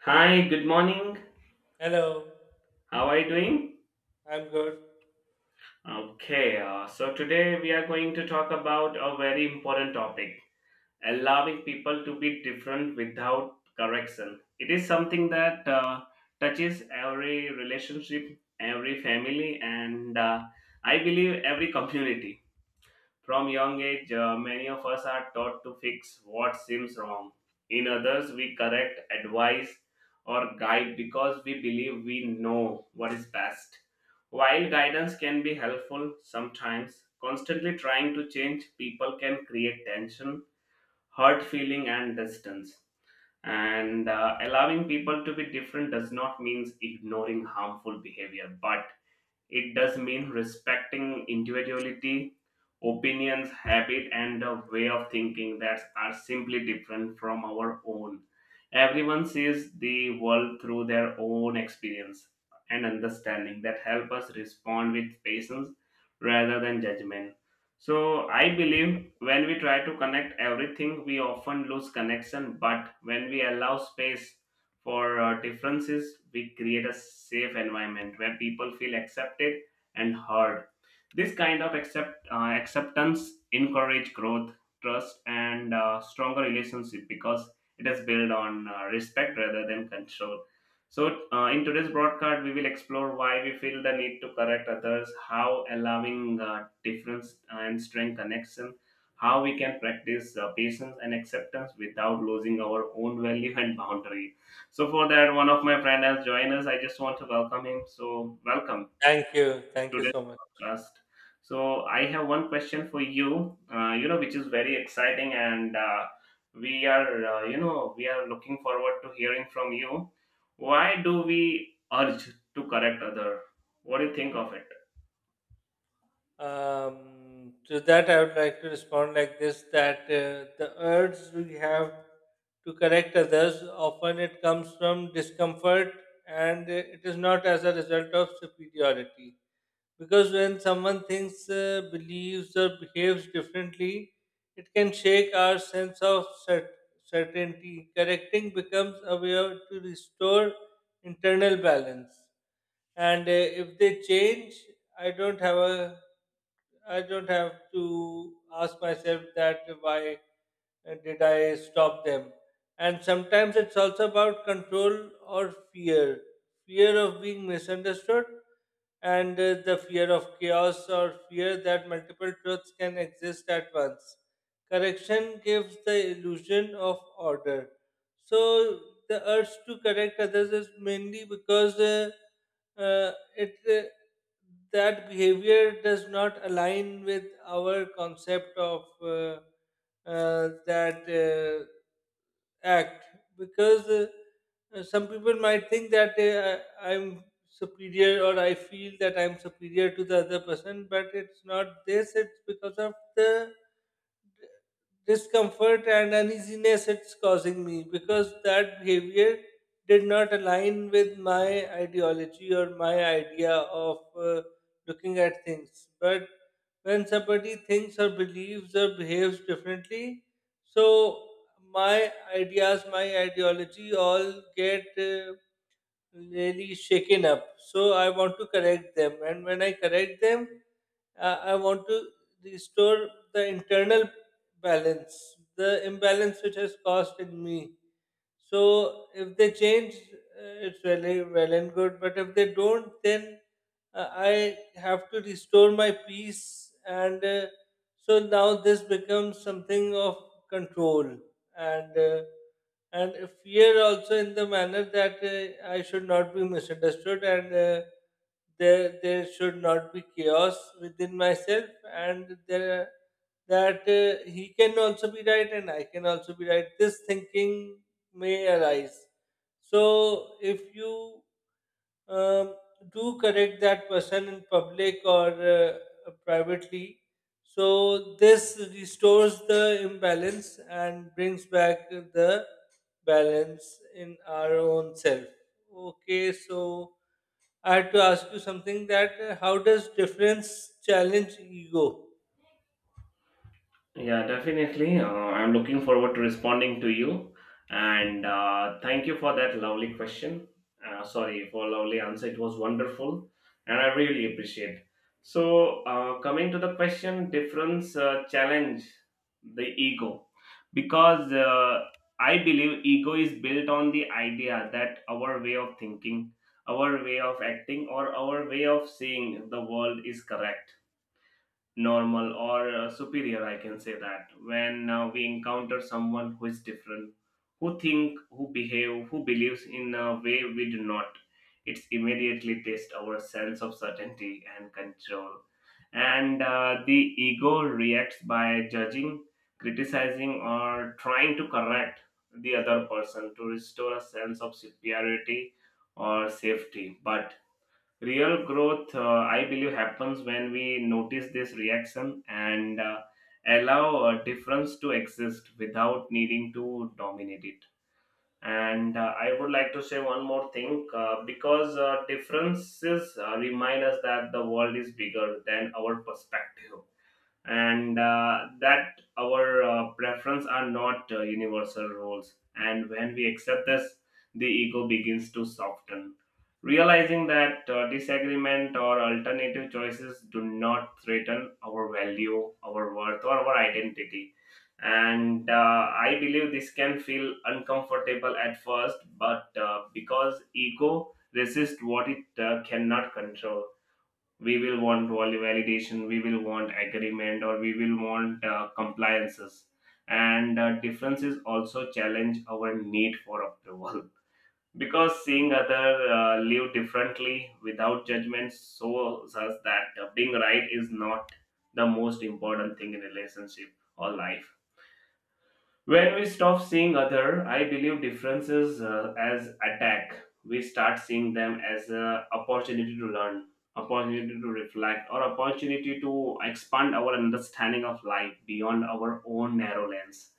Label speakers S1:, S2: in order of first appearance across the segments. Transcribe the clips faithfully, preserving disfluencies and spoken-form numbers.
S1: Hi, good morning.
S2: Hello,
S1: How are you doing?
S2: I'm good.
S1: Okay, uh, so today we are going to talk about a very important topic, allowing people to be different without correction. It is something that uh, touches every relationship, every family, and uh, I believe every community. From young age, uh, many of us are taught to fix what seems wrong. In others, we correct, advise, or guide because we believe we know what is best. While guidance can be helpful sometimes, constantly trying to change people can create tension, hurt feeling, and distance. And uh, Allowing people to be different does not mean ignoring harmful behavior, but it does mean respecting individuality, opinions, habit, and a way of thinking that are simply different from our own. Everyone sees the world through their own experience, and understanding that help us respond with patience rather than judgment. So I believe when we try to connect everything, we often lose connection. But when we allow space for uh, differences, we create a safe environment where people feel accepted and heard. This kind of accept uh, acceptance encourage growth, trust, and uh, stronger relationship because it is built on uh, respect rather than control. So, uh, in today's broadcast, we will explore why we feel the need to correct others, how allowing uh, difference uh, and strength connection, how we can practice uh, patience and acceptance without losing our own value and boundary. So, for that, one of my friend has joined us. I just want to welcome him. So, welcome
S2: Thank you. Thank you
S1: today's
S2: so much.
S1: podcast. So I have one question for you. Uh, you know, which is very exciting, and uh, we are, uh, you know, we are looking forward to hearing from you. Why do we urge to correct other? What do you think of it?
S2: Um, to that, I would like to respond like this that uh, the urge we have to correct others often it comes from discomfort and uh, it is not as a result of superiority. Because when someone thinks, uh, believes, or behaves differently, it can shake our sense of cer- certainty. Correcting becomes a way of- to restore internal balance and uh, if they change, i don't have a I don't have to ask myself that why uh, did I stop them. And sometimes it's also about control or fear, fear of being misunderstood and uh, the fear of chaos or fear that multiple truths can exist at once. Correction gives the illusion of order. So the urge to correct others is mainly because uh, uh, it uh, that behavior does not align with our concept of, uh, uh, that, uh, act. Because uh, uh, some people might think that uh, I- I'm superior or I feel that I'm superior to the other person, but it's not this, it's because of the discomfort and uneasiness it's causing me, because that behavior did not align with my ideology or my idea of uh, looking at things. But when somebody thinks or believes or behaves differently, so my ideas, my ideology all get uh, really shaken up. So I want to correct them, and when I correct them, uh, I want to restore the internal balance, the imbalance which has caused in me. So if they change, uh, it's really well and good. But if they don't, then uh, I have to restore my peace. And uh, so now this becomes something of control and uh, and fear also, in the manner that uh, I should not be misunderstood and. Uh, there, there should not be chaos within myself, and there, that uh, he can also be right and I can also be right. This thinking may arise. So, if you um, do correct that person in public or uh, privately, so this restores the imbalance and brings back the balance in our own self. Okay, so I had to ask you something, that uh, how does difference challenge ego?
S1: Yeah, definitely. Uh, I'm looking forward to responding to you. And uh, thank you for that lovely question. Uh, sorry, for lovely answer. It was wonderful, and I really appreciate. So, uh, coming to the question, difference uh, challenge the ego, because uh, I believe ego is built on the idea that our way of thinking, our way of acting, or our way of seeing the world is correct, normal, or uh, superior, I can say that. When uh, we encounter someone who is different, who think, who behave, who believes in a way we do not, it's immediately test our sense of certainty and control. And uh, the ego reacts by judging, criticizing, or trying to correct the other person to restore a sense of superiority or safety. But real growth, uh, I believe, happens when we notice this reaction and uh, allow a difference to exist without needing to dominate it. And uh, I would like to say one more thing, uh, because uh, differences uh, remind us that the world is bigger than our perspective, and uh, that our uh, preference are not uh, universal rules. And when we accept this, the ego begins to soften, realizing that uh, disagreement or alternative choices do not threaten our value, our worth, or our identity. And uh, I believe this can feel uncomfortable at first, but uh, because ego resists what it uh, cannot control, we will want vali- validation, we will want agreement, or we will want uh, compliances. And uh, differences also challenge our need for approval because seeing other uh, live differently without judgment shows us that uh, being right is not the most important thing in relationship or life. When we stop seeing other, I believe differences uh, as attack, we start seeing them as an opportunity to learn, opportunity to reflect, or opportunity to expand our understanding of life beyond our own narrow lens.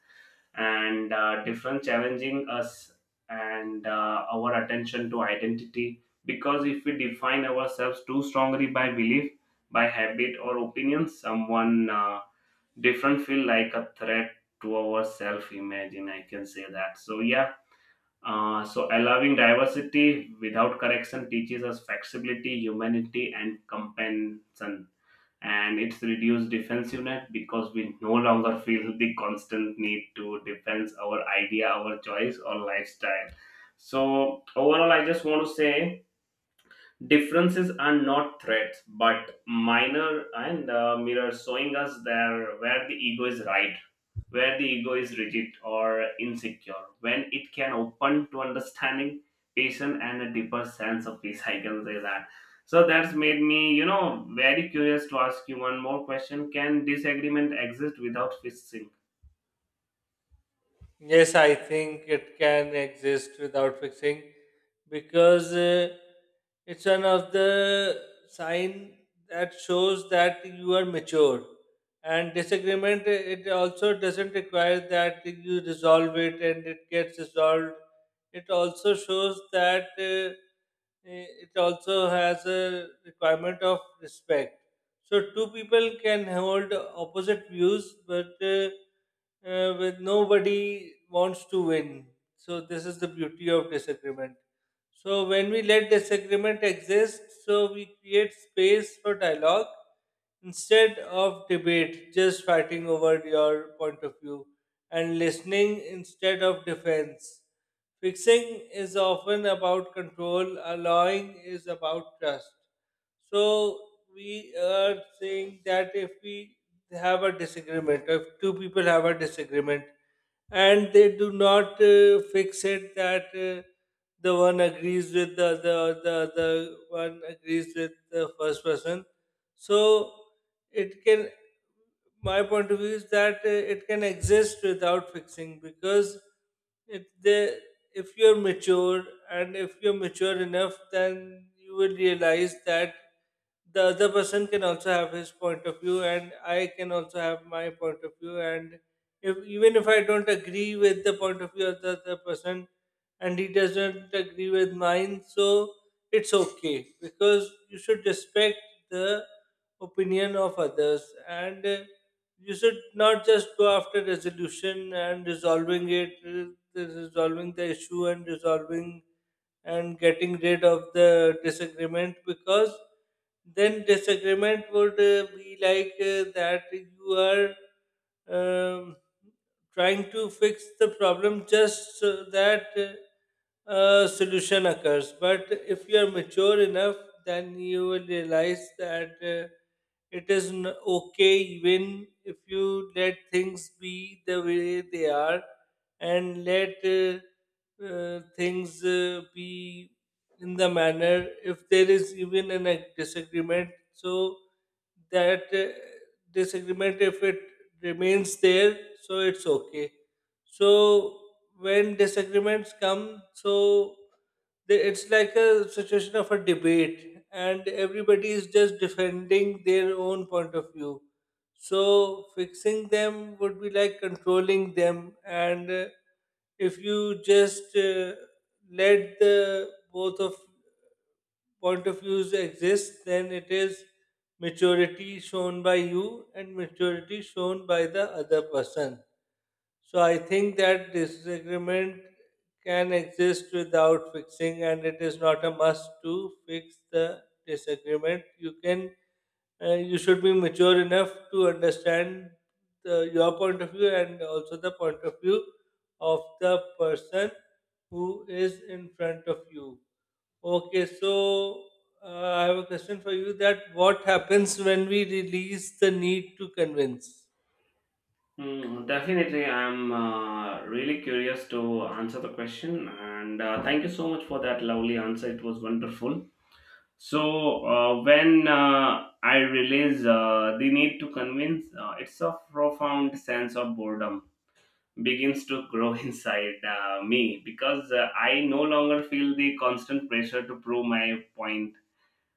S1: And uh, different challenging us and uh, our attention to identity. Because if we define ourselves too strongly by belief, by habit, or opinion, someone. Uh, different feel like a threat to our self imagine, I can say that. So yeah, uh, so allowing diversity without correction teaches us flexibility, humanity, and compassion, and it's reduced defensiveness because we no longer feel the constant need to defend our idea, our choice, or lifestyle. So overall, I just want to say differences are not threats, but minor and uh, mirrors showing us there where the ego is right, where the ego is rigid or insecure, when it can open to understanding, patience, and a deeper sense of peace. I can say that. So that's made me, you know, very curious to ask you one more question. Can disagreement exist without fixing?
S2: Yes, I think it can exist without fixing, because uh, it's one of the sign that shows that you are mature. And disagreement, it also doesn't require that you resolve it and it gets resolved. It also shows that uh, it also has a requirement of respect. So two people can hold opposite views, but uh, uh, with nobody wants to win. So this is the beauty of disagreement. So when we let disagreement exist, so we create space for dialogue instead of debate, just fighting over your point of view, and listening instead of defense. Fixing is often about control, allowing is about trust. So we are saying that if we have a disagreement, or if two people have a disagreement, and they do not uh, fix it, that uh, the one agrees with the other, or the other one agrees with the first person, so it can my point of view is that uh, it can exist without fixing. Because if they, if you're mature, and if you're mature enough, then you will realize that the other person can also have his point of view and I can also have my point of view, and if, even if I don't agree with the point of view of the other person, and he doesn't agree with mine, so it's okay, because you should respect the opinion of others, and uh, you should not just go after resolution and resolving it, uh, resolving the issue and resolving and getting rid of the disagreement. Because then disagreement would uh, be like, uh, that you are um, trying to fix the problem just so that uh, a solution occurs. But if you are mature enough, then you will realize that uh, it is n- okay, even if you let things be the way they are, and let uh, uh, things uh, be in the manner, if there is even an a disagreement, so that uh, disagreement, if it remains there, so it's okay. So when disagreements come, so the, it's like a situation of a debate and everybody is just defending their own point of view, so fixing them would be like controlling them, and uh, if you just uh, let the both of point of views exist, then it is maturity shown by you and maturity shown by the other person. So I think that disagreement can exist without fixing, and it is not a must to fix the disagreement. You can, uh, you should be mature enough to understand the, your point of view, and also the point of view of the person who is in front of you. Okay, so uh, I have a question for you. That, what happens when we release the need to convince?
S1: Hmm, definitely. I'm uh, really curious to answer the question, and uh, thank you so much for that lovely answer. It was wonderful. So, uh, when uh, I realize uh, the need to convince, uh, it's a profound sense of boredom begins to grow inside uh, me, because uh, I no longer feel the constant pressure to prove my point,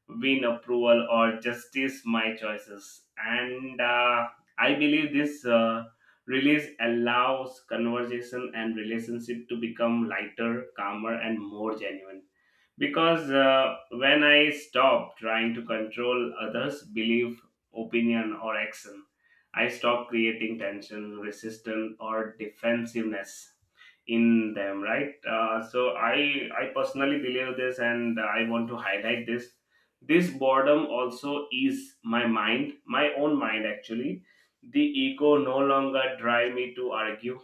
S1: win approval, or justice my choices. And uh, I believe this uh, release allows conversation and relationship to become lighter, calmer, and more genuine, because uh, when I stop trying to control others' belief, opinion, or action, I stop creating tension, resistance, or defensiveness in them. Right. Uh, so I I personally believe this, and I want to highlight this. This boredom also is my mind, my own mind actually. The ego no longer drive me to argue,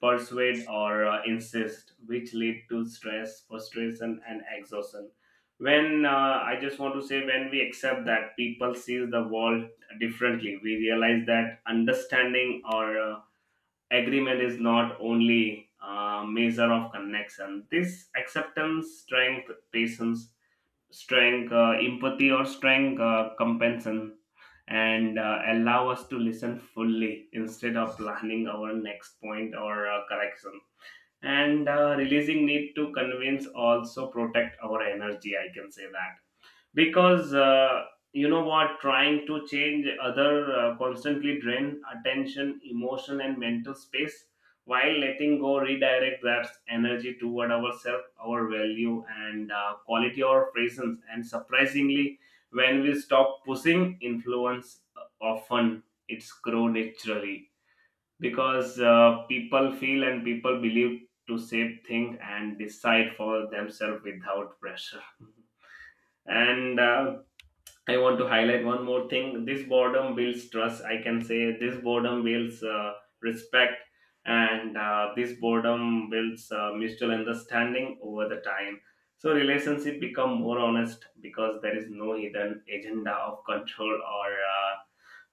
S1: persuade, or uh, insist, which lead to stress, frustration, and exhaustion. When uh, I just want to say, when we accept that people see the world differently, we realize that understanding or uh, agreement is not only a measure of connection. This acceptance, strength, patience, strength, uh, empathy, or strength uh, compensation, and uh, allow us to listen fully instead of planning our next point or uh, correction. And uh, releasing need to convince also protect our energy, I can say that. Because uh, you know what trying to change other uh, constantly drain attention, emotion, and mental space, while letting go redirect that energy toward ourselves, our value, and uh, quality, our presence. And surprisingly, when we stop pushing influence, uh, often it's grow naturally, because uh, people feel and people believe to save things and decide for themselves without pressure. And uh, I want to highlight one more thing. This boredom builds trust, I can say. This boredom builds uh, respect, and uh, this boredom builds uh, mutual understanding over the time. So relationship become more honest, because there is no hidden agenda of control or uh,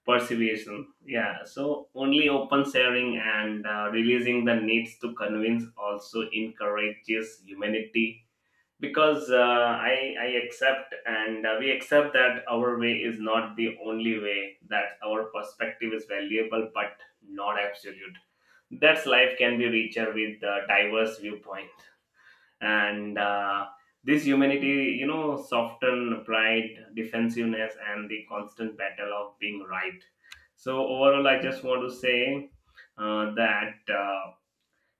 S1: perseveration. Yeah. So only open sharing. And uh, releasing the needs to convince also encourages humanity, because uh, I, I accept, and uh, we accept that our way is not the only way, that our perspective is valuable but not absolute. That's life can be richer with a diverse viewpoint. And uh, this humanity, you know, soften pride, defensiveness, and the constant battle of being right. So overall I just want to say, uh, that uh,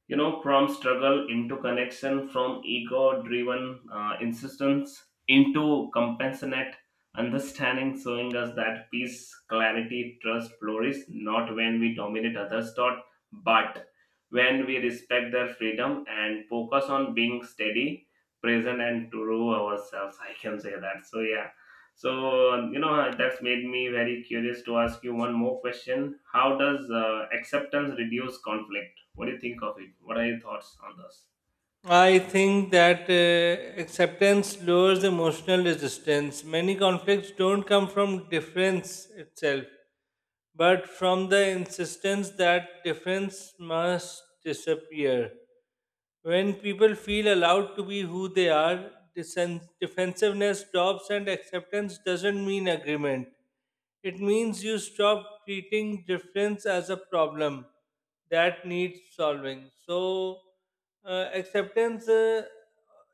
S1: you know, from struggle into connection, from ego driven uh, insistence into compassionate understanding, showing us that peace, clarity, trust flourish not when we dominate others thought, but when we respect their freedom and focus on being steady, present, and true ourselves I can say that. So yeah, so you know, that's made me very curious to ask you one more question. How does uh, acceptance reduce conflict? What do you think of it? What are your thoughts on this?
S2: I think that uh, acceptance lowers emotional resistance. Many conflicts don't come from difference itself, but from the insistence that difference must disappear. When people feel allowed to be who they are, disen- defensiveness drops, and acceptance doesn't mean agreement. It means you stop treating difference as a problem that needs solving. So, uh, acceptance, uh,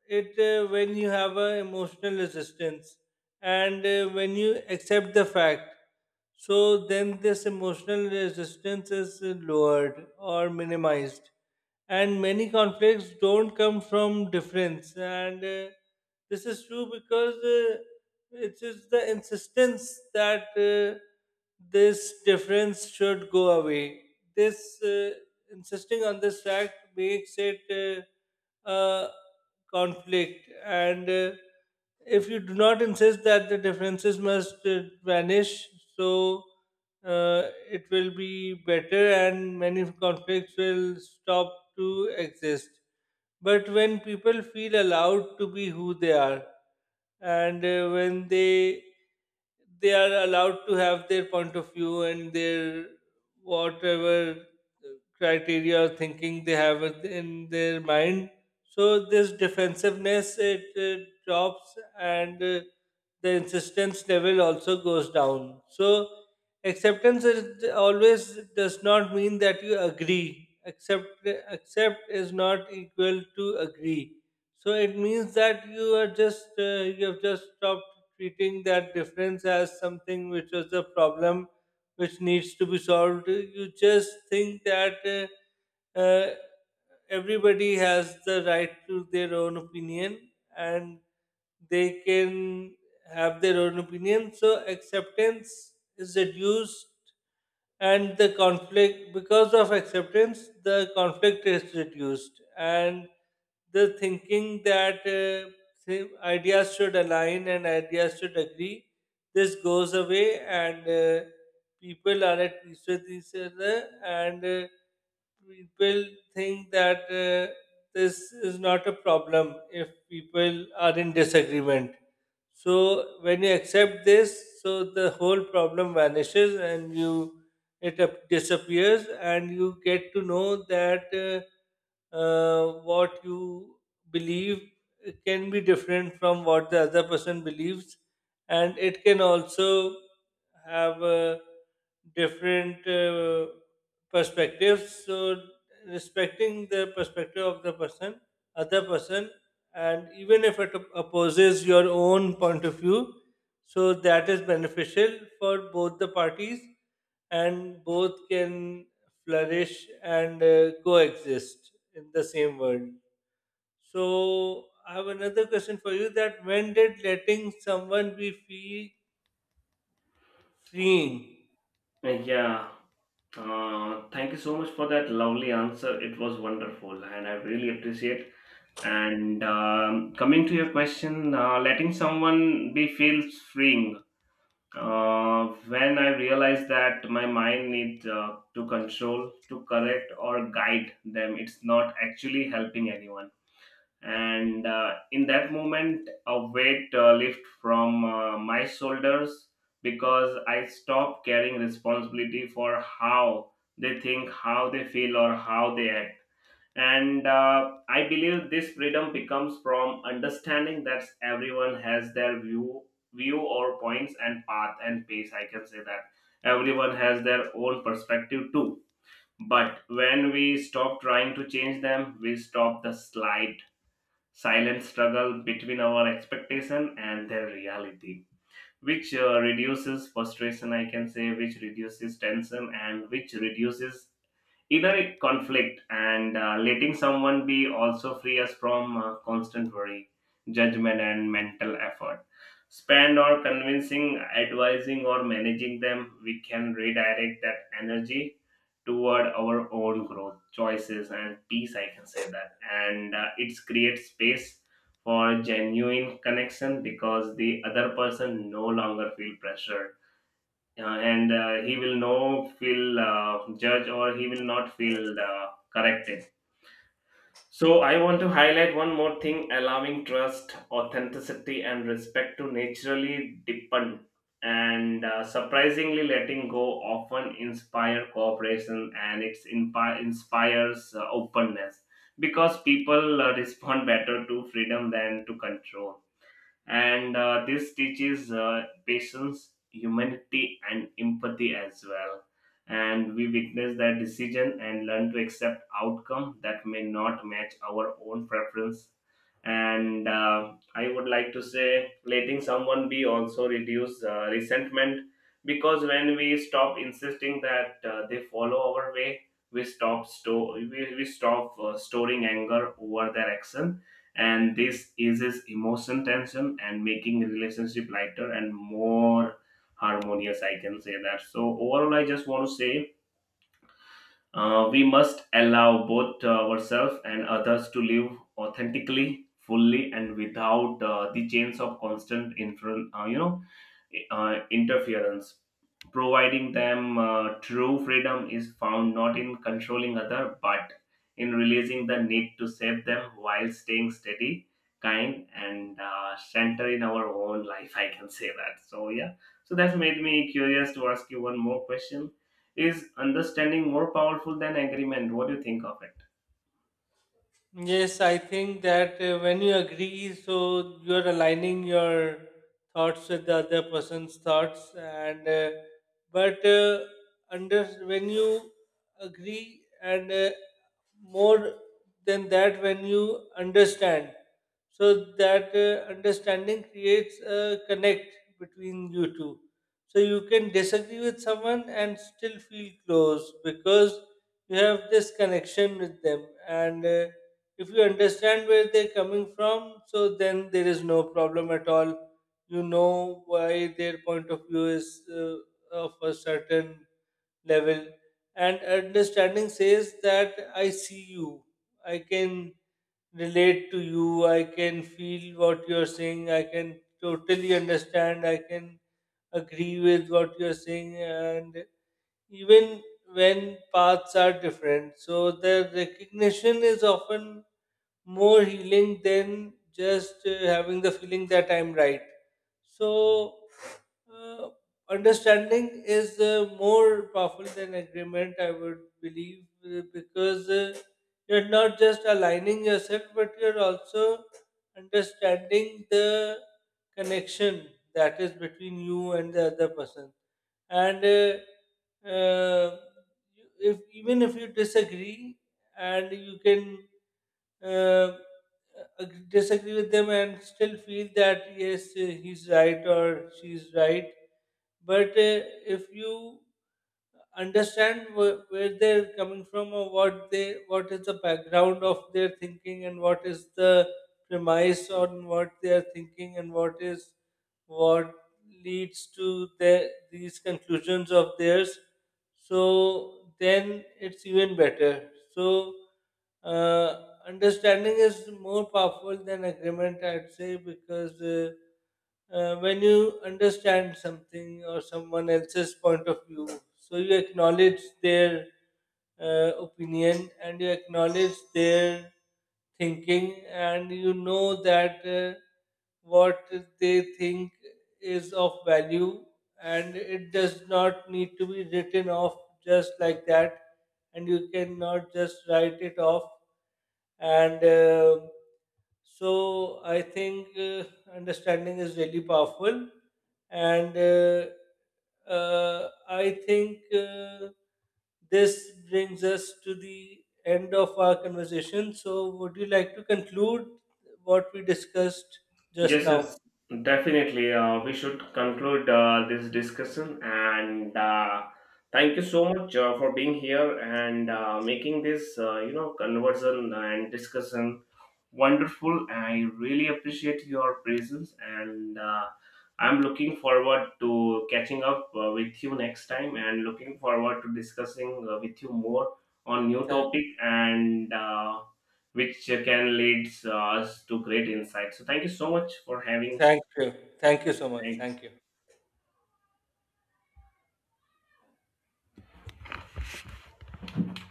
S2: it uh, when you have a emotional resistance, and uh, when you accept the fact, so then this emotional resistance is uh, lowered or minimized. And many conflicts don't come from difference, and uh, this is true, because uh, it is the insistence that uh, this difference should go away. This, uh, insisting on this fact makes it uh, a conflict, and uh, if you do not insist that the differences must uh, vanish, so uh, it will be better and many conflicts will stop to exist. But when people feel allowed to be who they are, and uh, when they they are allowed to have their point of view and their whatever criteria or thinking they have in their mind, so this defensiveness it uh, drops, and uh, the insistence level also goes down. So acceptance is always does not mean that you agree. Accept accept is not equal to agree. So it means that you are just uh, you have just stopped treating that difference as something which was a problem which needs to be solved. You just think that uh, uh, everybody has the right to their own opinion, and they can have their own opinion. So acceptance is reduced, and the conflict, because of acceptance the conflict is reduced, and the thinking that uh, say, ideas should align and ideas should agree, this goes away, and uh, people are at peace with each other, and uh, people think that uh, this is not a problem if people are in disagreement. So when you accept this, so the whole problem vanishes, and you, it ap- disappears, and you get to know that uh, uh, what you believe can be different from what the other person believes, and it can also have uh, different uh, perspectives. So respecting the perspective of the person, other person, and even if it opposes your own point of view, so that is beneficial for both the parties, and both can flourish and uh, coexist in the same world. So I have another question for you: that when did letting someone be free freeing?
S1: Yeah. Uh, thank you so much for that lovely answer. It was wonderful, and I really appreciate. And um, coming to your question, uh, letting someone be feels freeing. Uh, when I realize that my mind needs uh, to control, to correct, or guide them, it's not actually helping anyone. And uh, in that moment a weight uh, lift from uh, my shoulders, because I stopped carrying responsibility for how they think, how they feel, or how they act. And uh, I believe this freedom becomes from understanding that everyone has their view, view or points and path and pace, I can say that. Everyone has their own perspective too, but when we stop trying to change them, we stop the slide, silent struggle between our expectation and their reality, which uh, reduces frustration, I can say, which reduces tension, and which reduces inner conflict. And uh, letting someone be also free us from uh, constant worry, judgment, and mental effort. Spend or convincing, advising, or managing them, we can redirect that energy toward our own growth, choices, and peace, I can say that. And uh, it's create space for genuine connection, because the other person no longer feel pressure, uh, and uh, he will no feel uh, judged, or he will not feel uh, corrected. So I want to highlight one more thing, allowing trust, authenticity, and respect to naturally deepen. And uh, surprisingly, letting go often inspire cooperation, and it's inpi- inspires uh, openness, because people uh, respond better to freedom than to control. And uh, this teaches uh, patience, humanity, and empathy as well. And we witness their decision and learn to accept outcome that may not match our own preference. And uh, I would like to say, letting someone be also reduce uh, resentment, because when we stop insisting that uh, they follow our way, we stop store we, we stop uh, storing anger over their action. And this eases emotion tension, and making relationship lighter and more harmonious, I can say that. So overall I just want to say, uh, we must allow both uh, ourselves and others to live authentically, fully, and without uh, the chains of constant influ- uh, you know uh, interference, providing them uh, true freedom is found not in controlling other, but in releasing the need to save them while staying steady, kind, and uh, center in our own life, I can say that. So yeah, so that's made me curious to ask you one more question. Is understanding more powerful than agreement? What do you think of it?
S2: Yes, I think that uh, when you agree, so you're aligning your thoughts with the other person's thoughts, and uh, but uh, under when you agree and uh, more than that, when you understand, so that uh, understanding creates a connect between you two. So you can disagree with someone and still feel close, because you have this connection with them and. Uh, if you understand where they're coming from, so then there is no problem at all. You know why their point of view is uh, of a certain level. And understanding says that I see you, I can relate to you, I can feel what you're saying, I can totally understand, I can agree with what you're saying, and even when paths are different. So the recognition is often more healing than just uh, having the feeling that I'm right. So, uh, understanding is uh, more powerful than agreement, I would believe, uh, because uh, you're not just aligning yourself, but you're also understanding the connection that is between you and the other person. And uh, uh, you- if even if you disagree, and you can uh, ag- disagree with them and still feel that yes, uh, he's right or she's right. But uh, if you understand wh- where they're coming from, or what they, what is the background of their thinking, and what is the premise on what they are thinking, and what is what leads to the, these conclusions of theirs, so then it's even better. So uh, understanding is more powerful than agreement, I'd say, because uh, uh, when you understand something or someone else's point of view, so you acknowledge their uh, opinion, and you acknowledge their thinking, and you know that uh, what they think is of value, and it does not need to be written off just like that, and you cannot just write it off. And uh, so i think uh, understanding is really powerful and uh, uh, I think uh, this brings us to the end of our conversation. So would you like to conclude what we discussed just
S1: Yes,
S2: now?
S1: yes, definitely. Uh, we should conclude uh, this discussion, and uh, thank you so much uh, for being here and uh, making this, uh, you know, conversation and discussion wonderful. I really appreciate your presence, and uh, I'm looking forward to catching up uh, with you next time, and looking forward to discussing uh, with you more on new
S2: thank,
S1: topic. And Uh, which can lead us to great insights. So thank you so much for having.
S2: Thank you, thank you so much,
S1: Thank
S2: thank you.